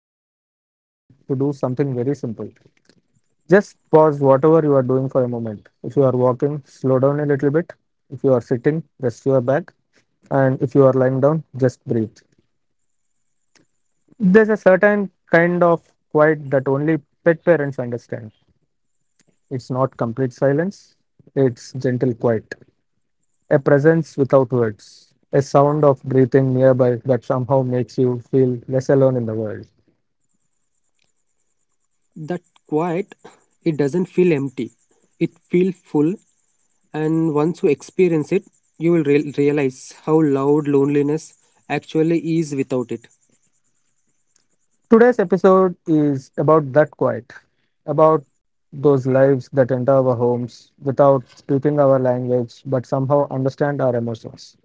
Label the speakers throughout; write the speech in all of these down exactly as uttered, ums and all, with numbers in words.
Speaker 1: everyone listening to do something very simple. Just pause whatever you are doing for a moment. If you are walking, slow down a little bit. If you are sitting, rest your back. And if you are lying down, just breathe. There's a certain kind of quiet that only pet parents understand. It's not complete silence, it's gentle quiet. A presence without words. A sound of breathing nearby that somehow makes you feel less alone in the world.
Speaker 2: That quiet, it doesn't feel empty, it feels full. And once you experience it, you will real realize how loud loneliness actually is without it.
Speaker 1: Today's episode is about that quiet, about those lives that enter our homes without speaking our language but somehow understand our emotions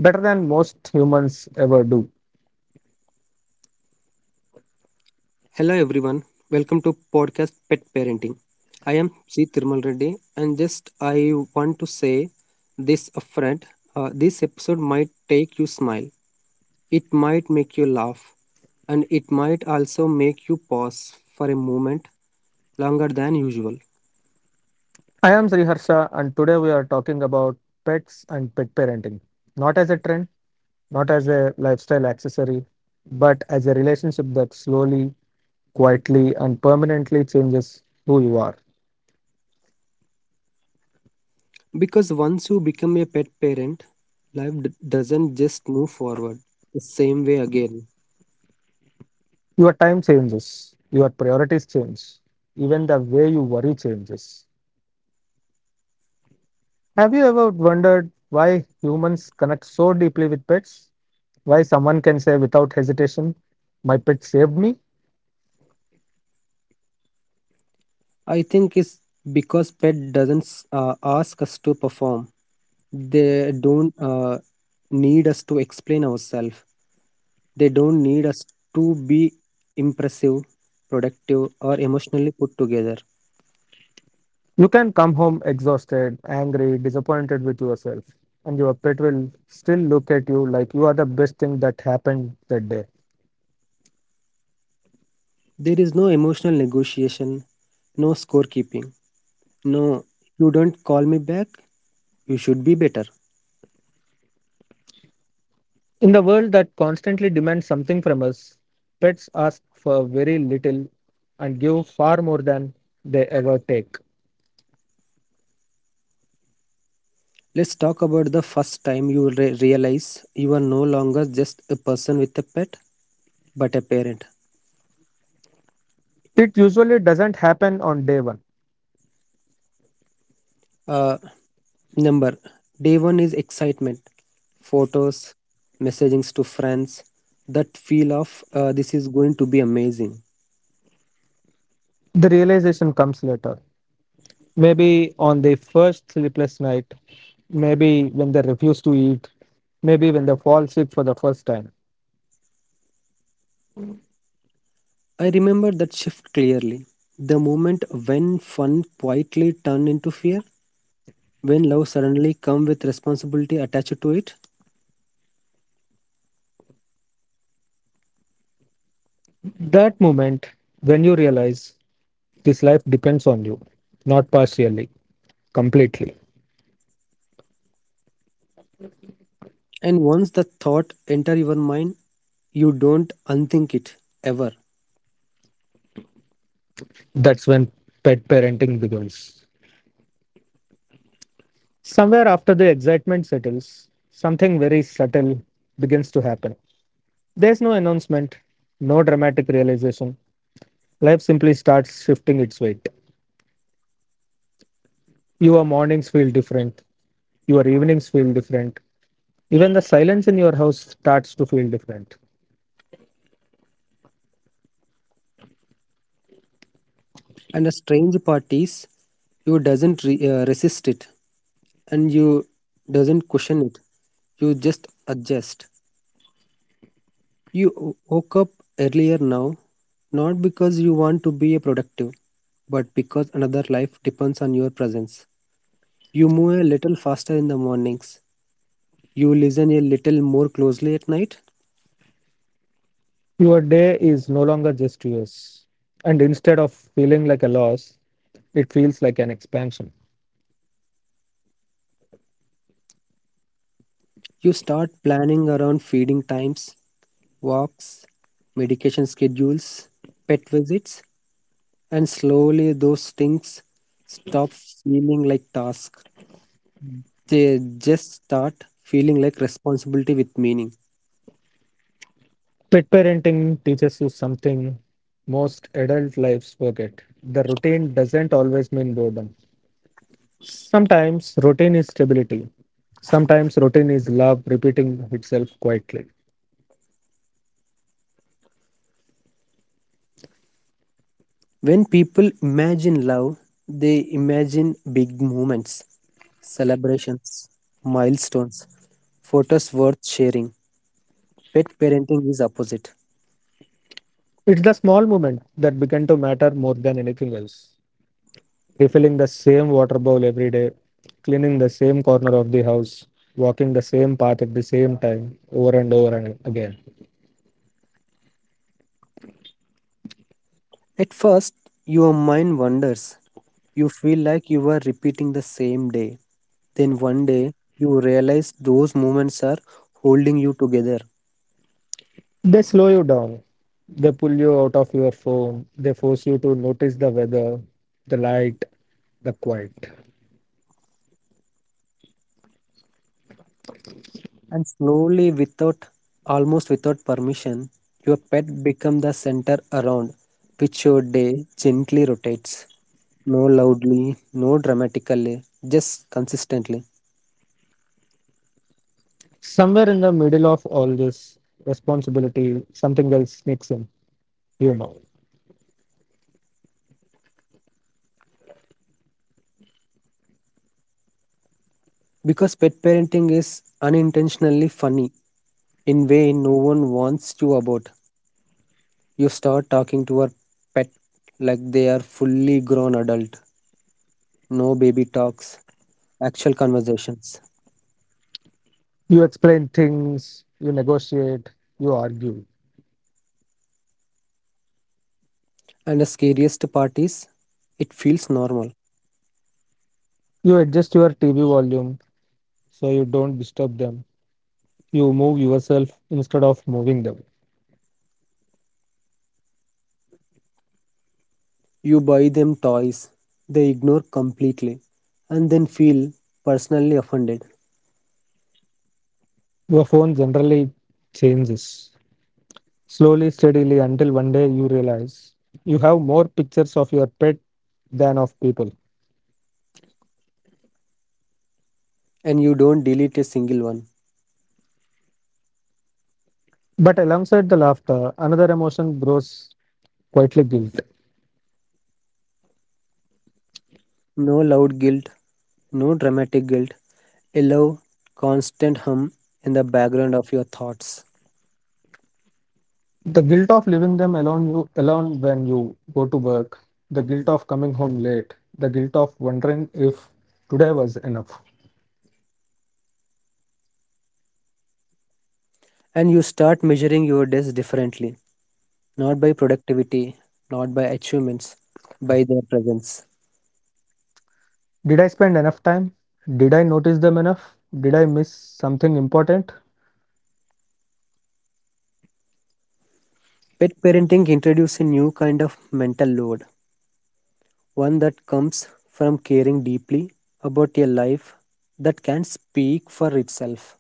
Speaker 1: better than most humans ever do.
Speaker 2: Hello everyone, welcome to podcast pet parenting. I am Sri Thirmal Reddy. And just i want to say this upfront, uh, this episode might take you smile, it might make you laugh, and it might also make you pause for a moment longer than usual.
Speaker 1: I am Sriharsha, and today we are talking about pets and pet parenting, not as a trend, not as a lifestyle accessory, but as a relationship that slowly, quietly, and permanently changes who you are.
Speaker 2: Because once you become a pet parent, life d- doesn't just move forward the same way again.
Speaker 1: Your time changes, your priorities change, even the way you worry changes. Have you ever wondered why humans connect so deeply with pets? Why someone can say without hesitation, "My pet saved me?"
Speaker 2: I think it's because pet doesn't uh, ask us to perform. They don't uh, need us to explain ourselves. They don't need us to be impressive, productive, or emotionally put together.
Speaker 1: You can come home exhausted, angry, disappointed with yourself, and your pet will still look at you like you are the best thing that happened that day.
Speaker 2: There is no emotional negotiation, no scorekeeping, no, you don't call me back, you should be better.
Speaker 1: In the world that constantly demands something from us, pets ask for very little and give far more than they ever take.
Speaker 2: Let's talk about the first time you re- realize you are no longer just a person with a pet, but a parent.
Speaker 1: It usually doesn't happen on day one.
Speaker 2: Uh, number Day one is excitement, photos, messagings to friends, that feel of uh, this is going to be amazing.
Speaker 1: The realization comes later. Maybe on the first sleepless night, maybe when they refuse to eat, maybe when they fall sick for the first time.
Speaker 2: I remember that shift clearly. The moment when fun quietly turned into fear, when love suddenly come with responsibility attached to it.
Speaker 1: That moment when you realize this life depends on you, not partially, completely.
Speaker 2: And once the thought enter your mind, you don't unthink it, ever.
Speaker 1: That's when pet parenting begins. Somewhere after the excitement settles, something very subtle begins to happen. There's no announcement, no dramatic realization. Life simply starts shifting its weight. Your mornings feel different, your evenings feel different, even the silence in your house starts to feel different.
Speaker 2: And the strange part is, you doesn't re- uh, resist it, and you doesn't question it, you just adjust. You w- woke up earlier now, not because you want to be productive, but because another life depends on your presence. You move a little faster in the mornings, you listen a little more closely at night.
Speaker 1: Your day is no longer just yours, and instead of feeling like a loss, it feels like an expansion.
Speaker 2: You start planning around feeding times, walks, medication schedules, pet visits. And slowly those things stop feeling like tasks, they just start feeling like responsibility with meaning.
Speaker 1: Pet parenting teaches you something most adult lives forget. The routine doesn't always mean boredom. Sometimes routine is stability. Sometimes routine is love repeating itself quietly.
Speaker 2: When people imagine love, they imagine big moments, celebrations, milestones, photos worth sharing. Pet parenting is opposite.
Speaker 1: It's the small moments that begin to matter more than anything else. Refilling the same water bowl every day, cleaning the same corner of the house, walking the same path at the same time, over and over and again.
Speaker 2: At first your mind wanders, you feel like you are repeating the same day. Then one day you realize those moments are holding you together.
Speaker 1: They slow you down. They pull you out of your phone. They force you to notice the weather, the light, the quiet.
Speaker 2: And slowly, without, almost without permission, your pet becomes the center around which your day gently rotates. No loudly, no dramatically, just consistently.
Speaker 1: Somewhere in the middle of all this responsibility, something else sneaks in. You know.
Speaker 2: Because pet parenting is unintentionally funny in way no one wants you about. You start talking to your pet like they are fully grown adult. No baby talks, actual conversations.
Speaker 1: You explain things, you negotiate, you argue.
Speaker 2: And the scariest part is, it feels normal.
Speaker 1: You adjust your T V volume so you don't disturb them. You move yourself instead of moving them.
Speaker 2: You buy them toys they ignore completely, and then feel personally offended.
Speaker 1: Your phone generally changes slowly, steadily until one day you realize you have more pictures of your pet than of people.
Speaker 2: And you don't delete a single one.
Speaker 1: But alongside the laughter, another emotion grows quietly guilt.
Speaker 2: No loud guilt, no dramatic guilt, a low, constant hum in the background of your thoughts.
Speaker 1: The guilt of leaving them alone you alone when you go to work, the guilt of coming home late, the guilt of wondering if today was enough.
Speaker 2: And you start measuring your days differently, not by productivity, not by achievements, by their presence.
Speaker 1: Did I spend enough time? Did I notice them enough? Did I miss something important?
Speaker 2: Pet parenting introduces a new kind of mental load, one that comes from caring deeply about a life that can speak for itself.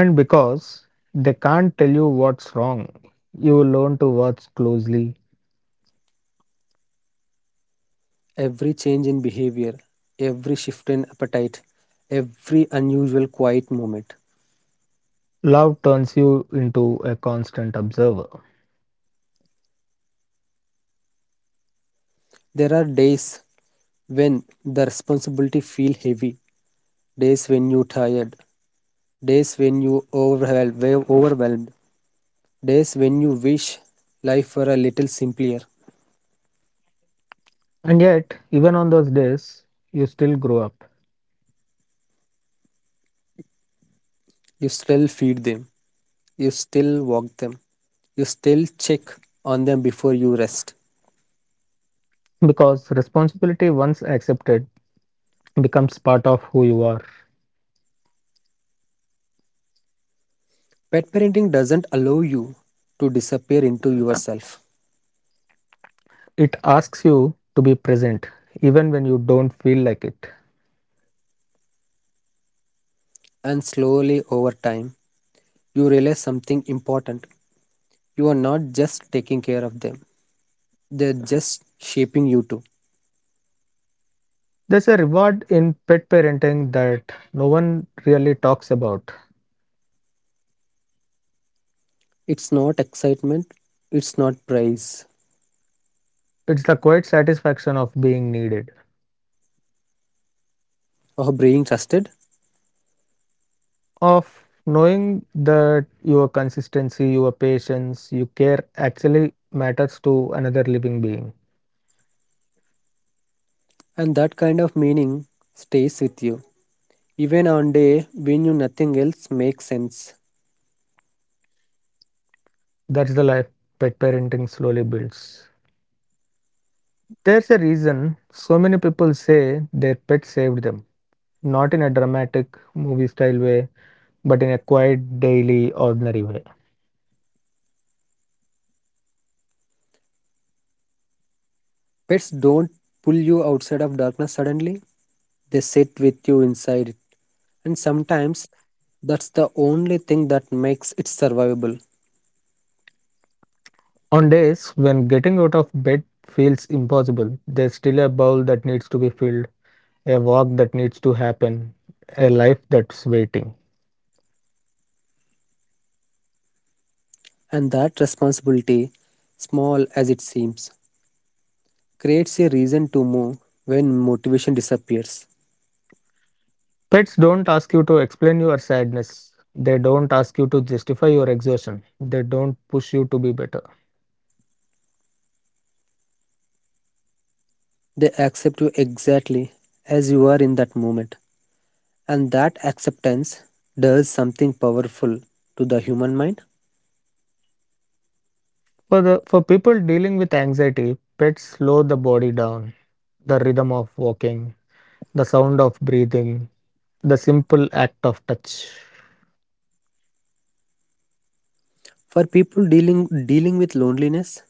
Speaker 1: And because they can't tell you what's wrong, you learn to watch closely.
Speaker 2: Every change in behavior, every shift in appetite, every unusual quiet moment.
Speaker 1: Love turns you into a constant observer.
Speaker 2: There are days when the responsibility feel heavy, days when you tired, days when you overwhelmed, overwhelmed, days when you wish life were a little simpler.
Speaker 1: And yet, even on those days, you still grow up
Speaker 2: You still feed them, you still walk them, you still check on them before you rest.
Speaker 1: because responsibility, once accepted, becomes part of who you are.
Speaker 2: Pet parenting doesn't allow you to disappear into yourself.
Speaker 1: It asks you to be present even when you don't feel like it.
Speaker 2: And slowly over time, you realize something important. You are not just taking care of them, they're just shaping you too.
Speaker 1: There's a reward in pet parenting that no one really talks about.
Speaker 2: It's not excitement, it's not praise
Speaker 1: It's the quiet satisfaction of being needed,
Speaker 2: or being trusted,
Speaker 1: of knowing that your consistency, your patience, your care actually matters to another living being.
Speaker 2: and that kind of meaning stays with you. Even on day when you nothing else makes sense.
Speaker 1: That's the life pet parenting slowly builds. There's a reason so many people say their pet saved them, not in a dramatic movie style way, but in a quiet, daily, ordinary way.
Speaker 2: Pets don't pull you outside of darkness suddenly. They sit with you inside it. And sometimes that's the only thing that makes it survivable.
Speaker 1: On days when getting out of bed feels impossible, there's still a bowl that needs to be filled, a walk that needs to happen, a life that's waiting.
Speaker 2: And that responsibility, small as it seems, creates a reason to move when motivation disappears.
Speaker 1: Pets don't ask you to explain your sadness. They don't ask you to justify your exhaustion. They don't push you to be better.
Speaker 2: They accept you exactly as you are in that moment. And that acceptance does something powerful to the human mind.
Speaker 1: For the for people dealing with anxiety, pets slow the body down. The rhythm of walking, the sound of breathing, the simple act of touch.
Speaker 2: For people dealing dealing with loneliness,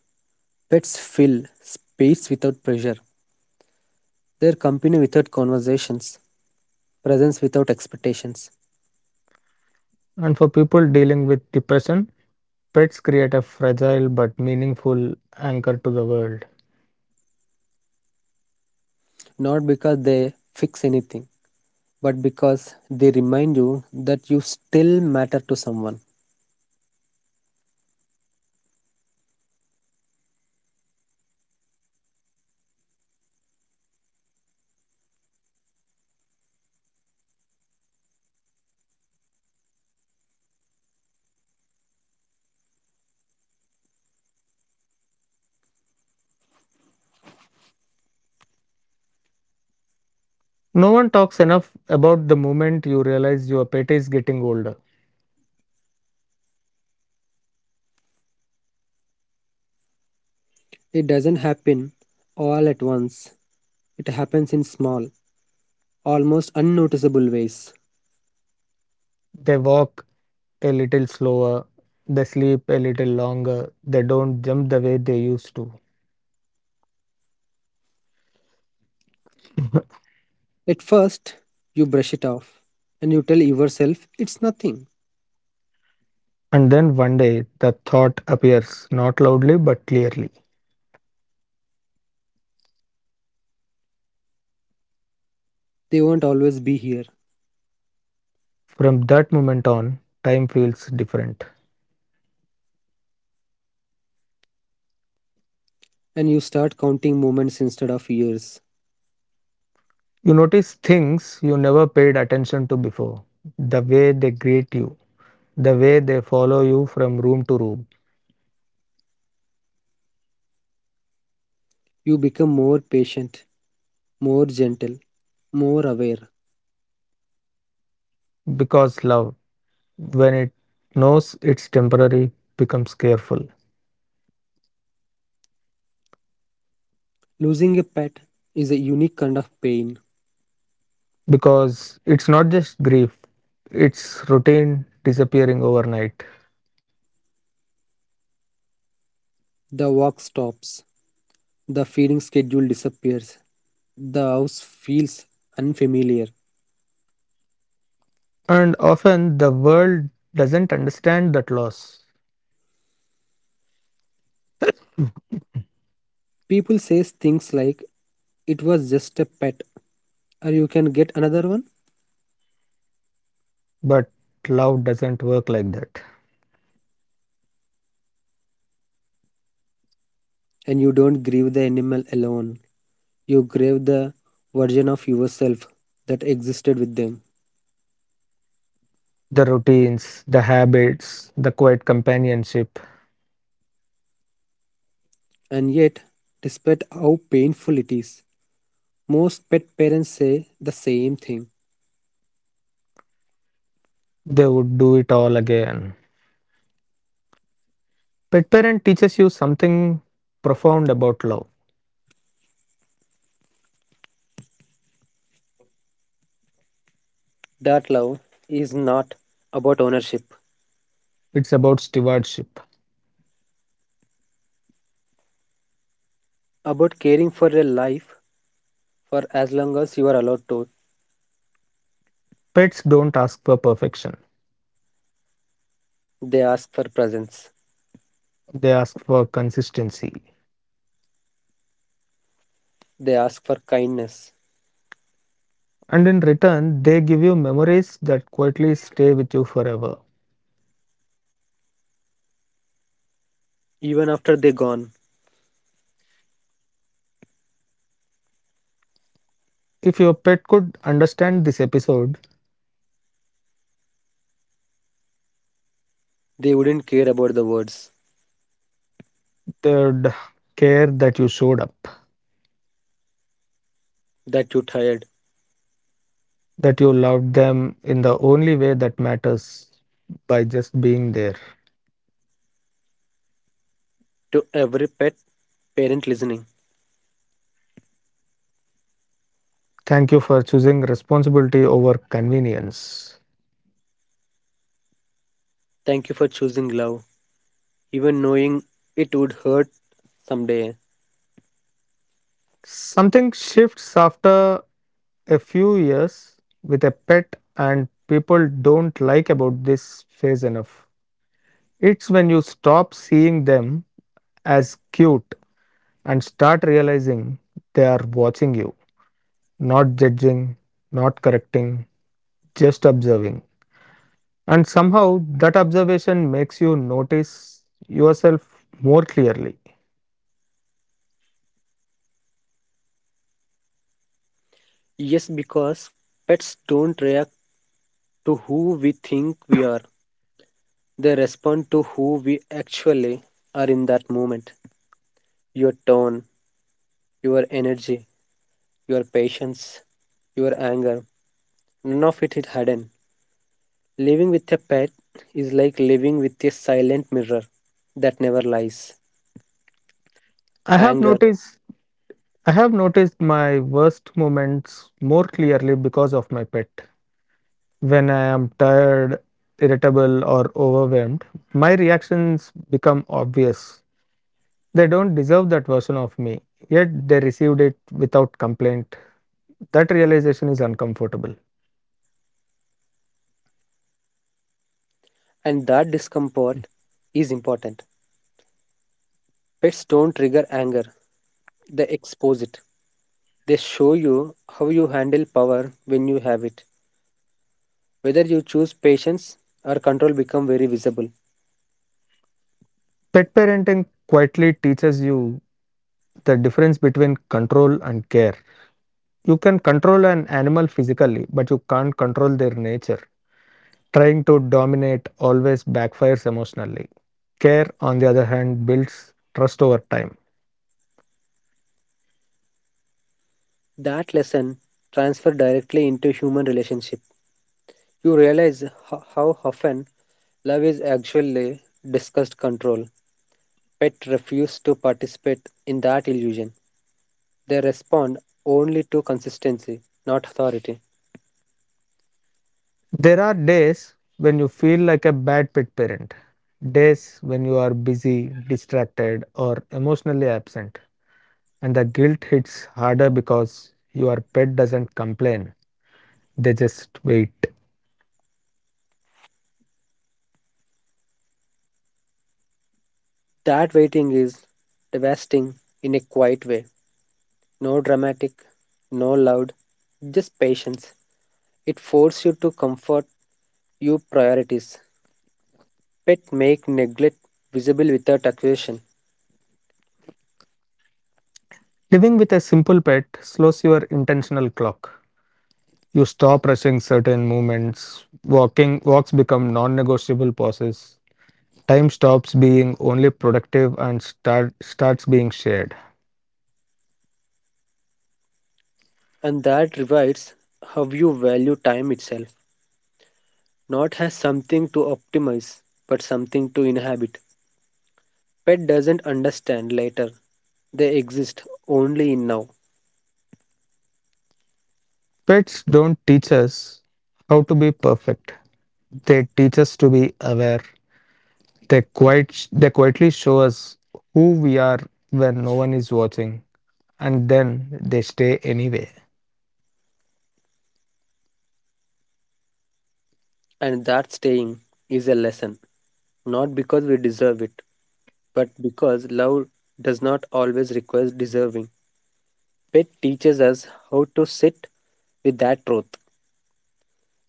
Speaker 2: pets fill space without pressure, their company without conversations, presence without expectations.
Speaker 1: And for people dealing with depression, pets create a fragile but meaningful anchor to the world.
Speaker 2: Not because they fix anything, but because they remind you that you still matter to someone.
Speaker 1: No one talks enough about the moment you realize your pet is getting older.
Speaker 2: It doesn't happen all at once, it happens in small, almost unnoticeable ways.
Speaker 1: They walk a little slower, they sleep a little longer, they don't jump the way they used to.
Speaker 2: At first, you brush it off and you tell yourself it's nothing,
Speaker 1: And then one day, the thought appears, not loudly but clearly.
Speaker 2: they won't always be here.
Speaker 1: From that moment on, time feels different.
Speaker 2: And you start counting moments instead of years.
Speaker 1: You notice things you never paid attention to before the way they greet you, the way they follow you from room to room.
Speaker 2: You become more patient, more gentle, more aware.
Speaker 1: Because love, when it knows it's temporary, becomes careful.
Speaker 2: Losing a pet is a unique kind of pain.
Speaker 1: Because it's not just grief, it's routine disappearing overnight.
Speaker 2: The walk stops. The feeding schedule disappears. The house feels unfamiliar.
Speaker 1: And often the world doesn't understand that loss,
Speaker 2: People say things like it was just a pet, or you can get another one,
Speaker 1: but love doesn't work like that.
Speaker 2: and you don't grieve the animal alone. You grieve the version of yourself that existed with them.
Speaker 1: The routines, the habits, the quiet companionship,
Speaker 2: And yet, despite how painful it is, most pet parents say the same thing.
Speaker 1: they would do it all again. Pet parent teaches you something profound about love.
Speaker 2: That love is not about ownership,
Speaker 1: It's about stewardship.
Speaker 2: about caring for a life for as long as you are allowed to.
Speaker 1: Pets don't ask for perfection,
Speaker 2: They ask for presence.
Speaker 1: they ask for consistency.
Speaker 2: They ask for kindness.
Speaker 1: And in return, they give you memories that quietly stay with you forever.
Speaker 2: Even after they gone,
Speaker 1: If your pet could understand this episode,
Speaker 2: they wouldn't care about the words,
Speaker 1: they'd care that you showed up,
Speaker 2: that you tired.
Speaker 1: that you loved them in the only way that matters by just being there.
Speaker 2: To every pet parent listening,
Speaker 1: Thank you for choosing responsibility over convenience.
Speaker 2: thank you for choosing love, even knowing it would hurt someday.
Speaker 1: Something shifts after a few years with a pet, and people don't like about this phase enough. It's when you stop seeing them as cute and start realizing they are watching you, not judging, not correcting, just observing. And somehow that observation makes you notice yourself more clearly.
Speaker 2: Yes, because pets don't react to who we think we are. They respond to who we actually are in that moment. Your tone, your energy, your patience, your anger, none of it is hidden. Living with a pet is like living with a silent mirror that never lies.
Speaker 1: I have
Speaker 2: Anger,
Speaker 1: noticed I have noticed my worst moments more clearly because of my pet. When I am tired, irritable or overwhelmed, my reactions become obvious. They don't deserve that version of me, yet they received it without complaint. That realization is uncomfortable.
Speaker 2: and that discomfort is important. Pets don't trigger anger, they expose it. They show you how you handle power when you have it. Whether you choose patience or control become very visible.
Speaker 1: Pet parenting quietly teaches you the difference between control and care. You can control an animal physically, but you can't control their nature. Trying to dominate always backfires emotionally. Care, on the other hand, builds trust over time.
Speaker 2: That lesson transfer directly into human relationship. You realize ho- how often love is actually discussed control. Pet refuse to participate in that illusion. They respond only to consistency, not authority.
Speaker 1: There are days when you feel like a bad pet parent, days when you are busy, distracted, or emotionally absent, and the guilt hits harder because your pet doesn't complain, they just wait.
Speaker 2: That waiting is devastating in a quiet way. No dramatic, no loud, just patience. It forces you to comfort your priorities. Pet make neglect visible without accusation.
Speaker 1: Living with a simple pet slows your intentional clock. You stop rushing certain movements, walking walks become non-negotiable pauses. Time stops being only productive and start, starts being shared.
Speaker 2: And that revives how you value time itself. Not as something to optimize, but something to inhabit. Pet doesn't understand later. They exist only in now.
Speaker 1: Pets don't teach us how to be perfect. They teach us to be aware. They quite they quietly show us who we are when no one is watching, and then they stay anyway.
Speaker 2: And that staying is a lesson, not because we deserve it, but because love does not always require deserving. Pet teaches us how to sit with that truth,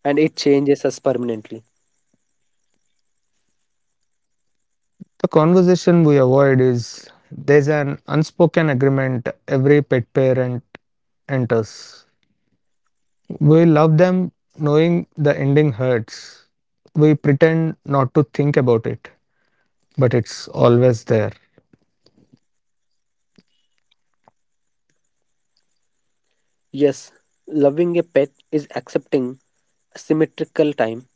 Speaker 2: and it changes us permanently.
Speaker 1: The conversation we avoid is there's an unspoken agreement every pet parent enters. We love them knowing the ending hurts. We pretend not to think about it, but it's always there.
Speaker 2: Yes, loving a pet is accepting symmetrical time.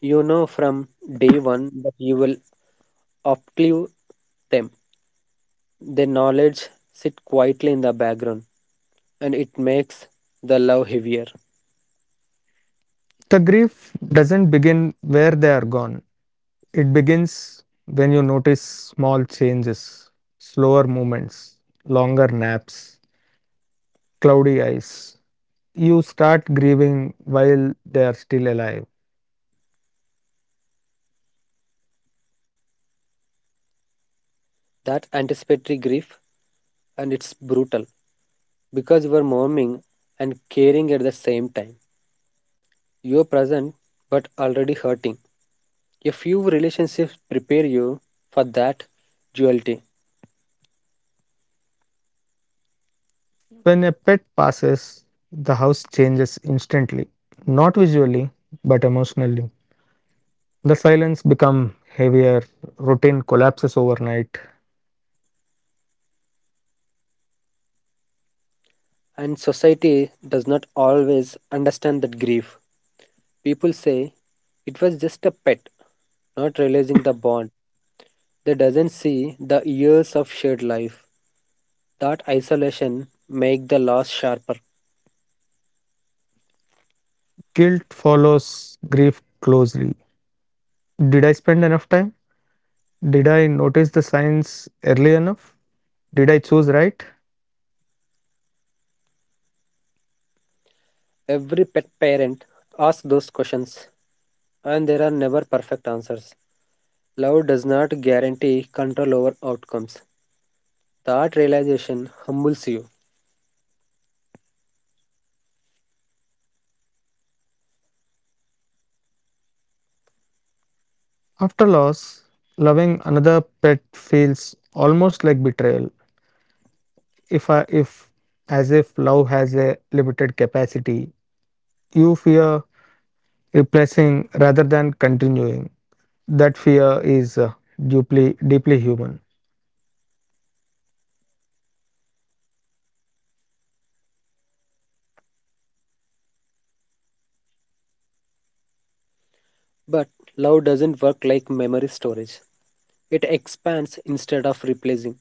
Speaker 2: You know from day one that you will outlive them. Their knowledge sit quietly in the background, and it makes the love heavier.
Speaker 1: The grief doesn't begin where they are gone, it begins when you notice small changes, slower movements, longer naps, cloudy eyes. You start grieving while they are still alive.
Speaker 2: That anticipatory grief, and it's brutal because you are mourning and caring at the same time. You're present but already hurting. A few relationships prepare you for that duality.
Speaker 1: When a pet passes, the house changes instantly, not visually, but emotionally. The silence becomes heavier, routine collapses overnight.
Speaker 2: And society does not always understand that grief. People say it was just a pet, not realizing the bond. They doesn't see the years of shared life. That isolation make the loss sharper.
Speaker 1: Guilt follows grief closely. Did I spend enough time? Did I notice the signs early enough? Did I choose right?
Speaker 2: Every pet parent asks those questions. And there are never perfect answers. Love does not guarantee control over outcomes. That realization humbles you.
Speaker 1: After loss, loving another pet feels almost like betrayal. If I, if As if love has a limited capacity, you fear replacing rather than continuing. That fear is uh, deeply deeply human.
Speaker 2: But love doesn't work like memory storage. It expands instead of replacing.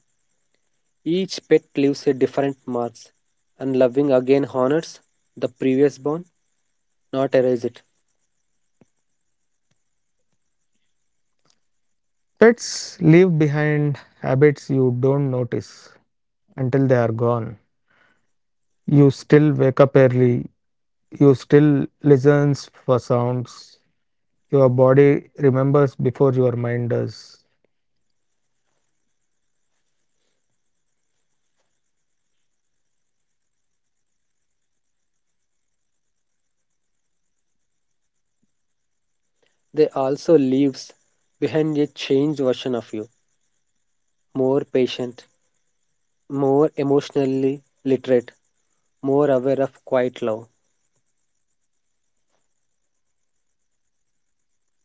Speaker 2: Each pet leaves a different mark, and loving again honors the previous bond, not erase it.
Speaker 1: Pets leave behind habits you don't notice until they are gone. You still wake up early. You still listens for sounds your body remembers before your mind does.
Speaker 2: They also leaves behind a changed version of you, more patient, more emotionally literate, more aware of quiet love.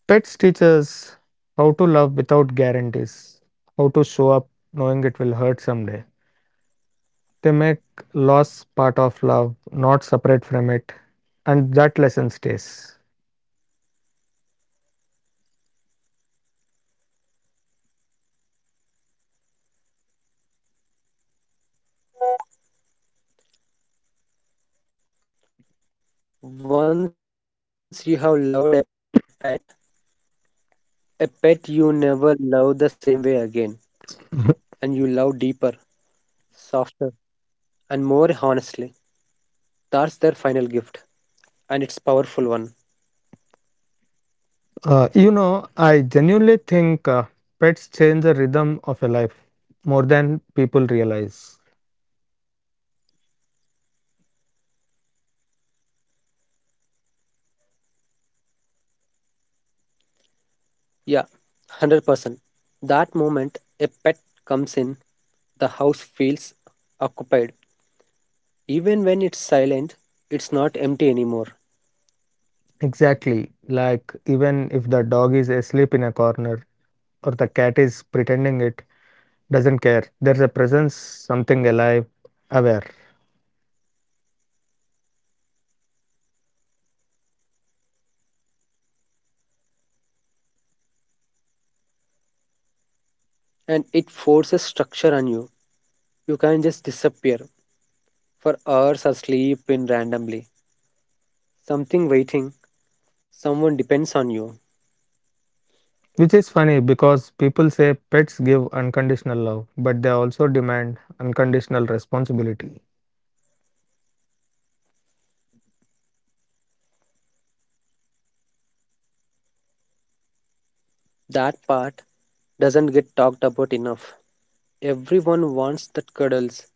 Speaker 1: Pets teach us how to love without guarantees, how to show up knowing it will hurt someday. They make loss part of love, not separate from it, and that lesson stays.
Speaker 2: Once you have loved a pet, a pet you never love the same way again, and you love deeper, softer, and more honestly. That's their final gift, and it's powerful one.
Speaker 1: Uh, you know, I genuinely think uh, pets change the rhythm of a life more than people realize.
Speaker 2: Yeah, one hundred percent. That moment a pet comes in, the house feels occupied. Even when it's silent, it's not empty anymore.
Speaker 1: Exactly. Like, even if the dog is asleep in a corner, or the cat is pretending it doesn't care. There's a presence, something alive, aware.
Speaker 2: And it forces structure on you. You can't just disappear for hours or sleep in randomly. Something waiting, someone depends on you.
Speaker 1: Which is funny because people say pets give unconditional love, but they also demand unconditional responsibility.
Speaker 2: That part doesn't get talked about enough. Everyone wants that cuddles.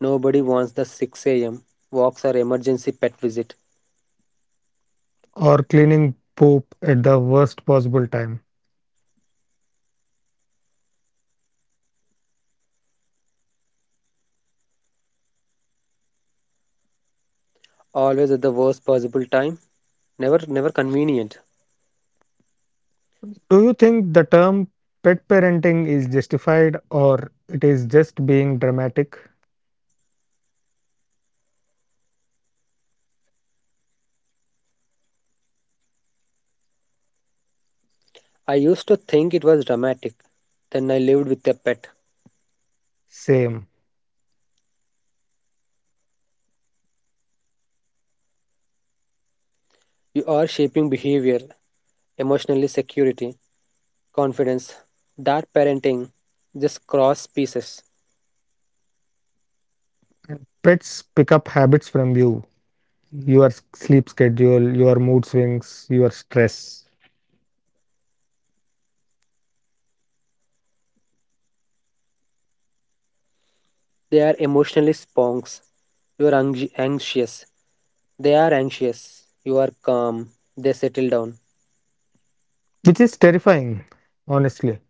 Speaker 2: Nobody wants the six a m walks or emergency pet visit.
Speaker 1: Or cleaning poop at the worst possible time.
Speaker 2: Always at the worst possible time. Never, never convenient.
Speaker 1: Do you think the term pet parenting is justified or it is just being dramatic?
Speaker 2: I used to think it was dramatic. Then I lived with a pet.
Speaker 1: Same.
Speaker 2: You are shaping behavior, emotionally security, confidence. That parenting, just cross pieces.
Speaker 1: And pets pick up habits from you, your sleep schedule, your mood swings, your stress,
Speaker 2: They are emotionally sponks. You are anxi- anxious. They are anxious. You are calm. They settle down.
Speaker 1: which is terrifying, honestly.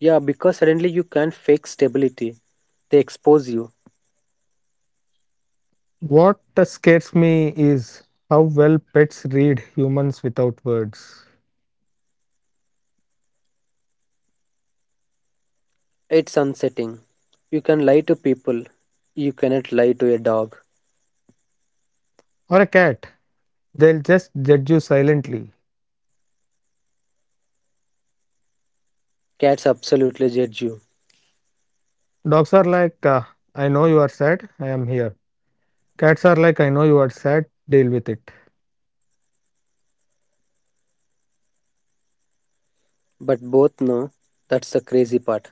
Speaker 2: Yeah, because suddenly you can't fake stability. They expose you.
Speaker 1: What scares me is how well pets read humans without words.
Speaker 2: It's unsettling. You can lie to people. You cannot lie to a dog.
Speaker 1: Or a cat, they'll just judge you silently.
Speaker 2: Cats absolutely judge you.
Speaker 1: Dogs are like, uh, I know you are sad, I am here. Cats are like, I know you are sad, deal with it.
Speaker 2: But both know, that's the crazy part.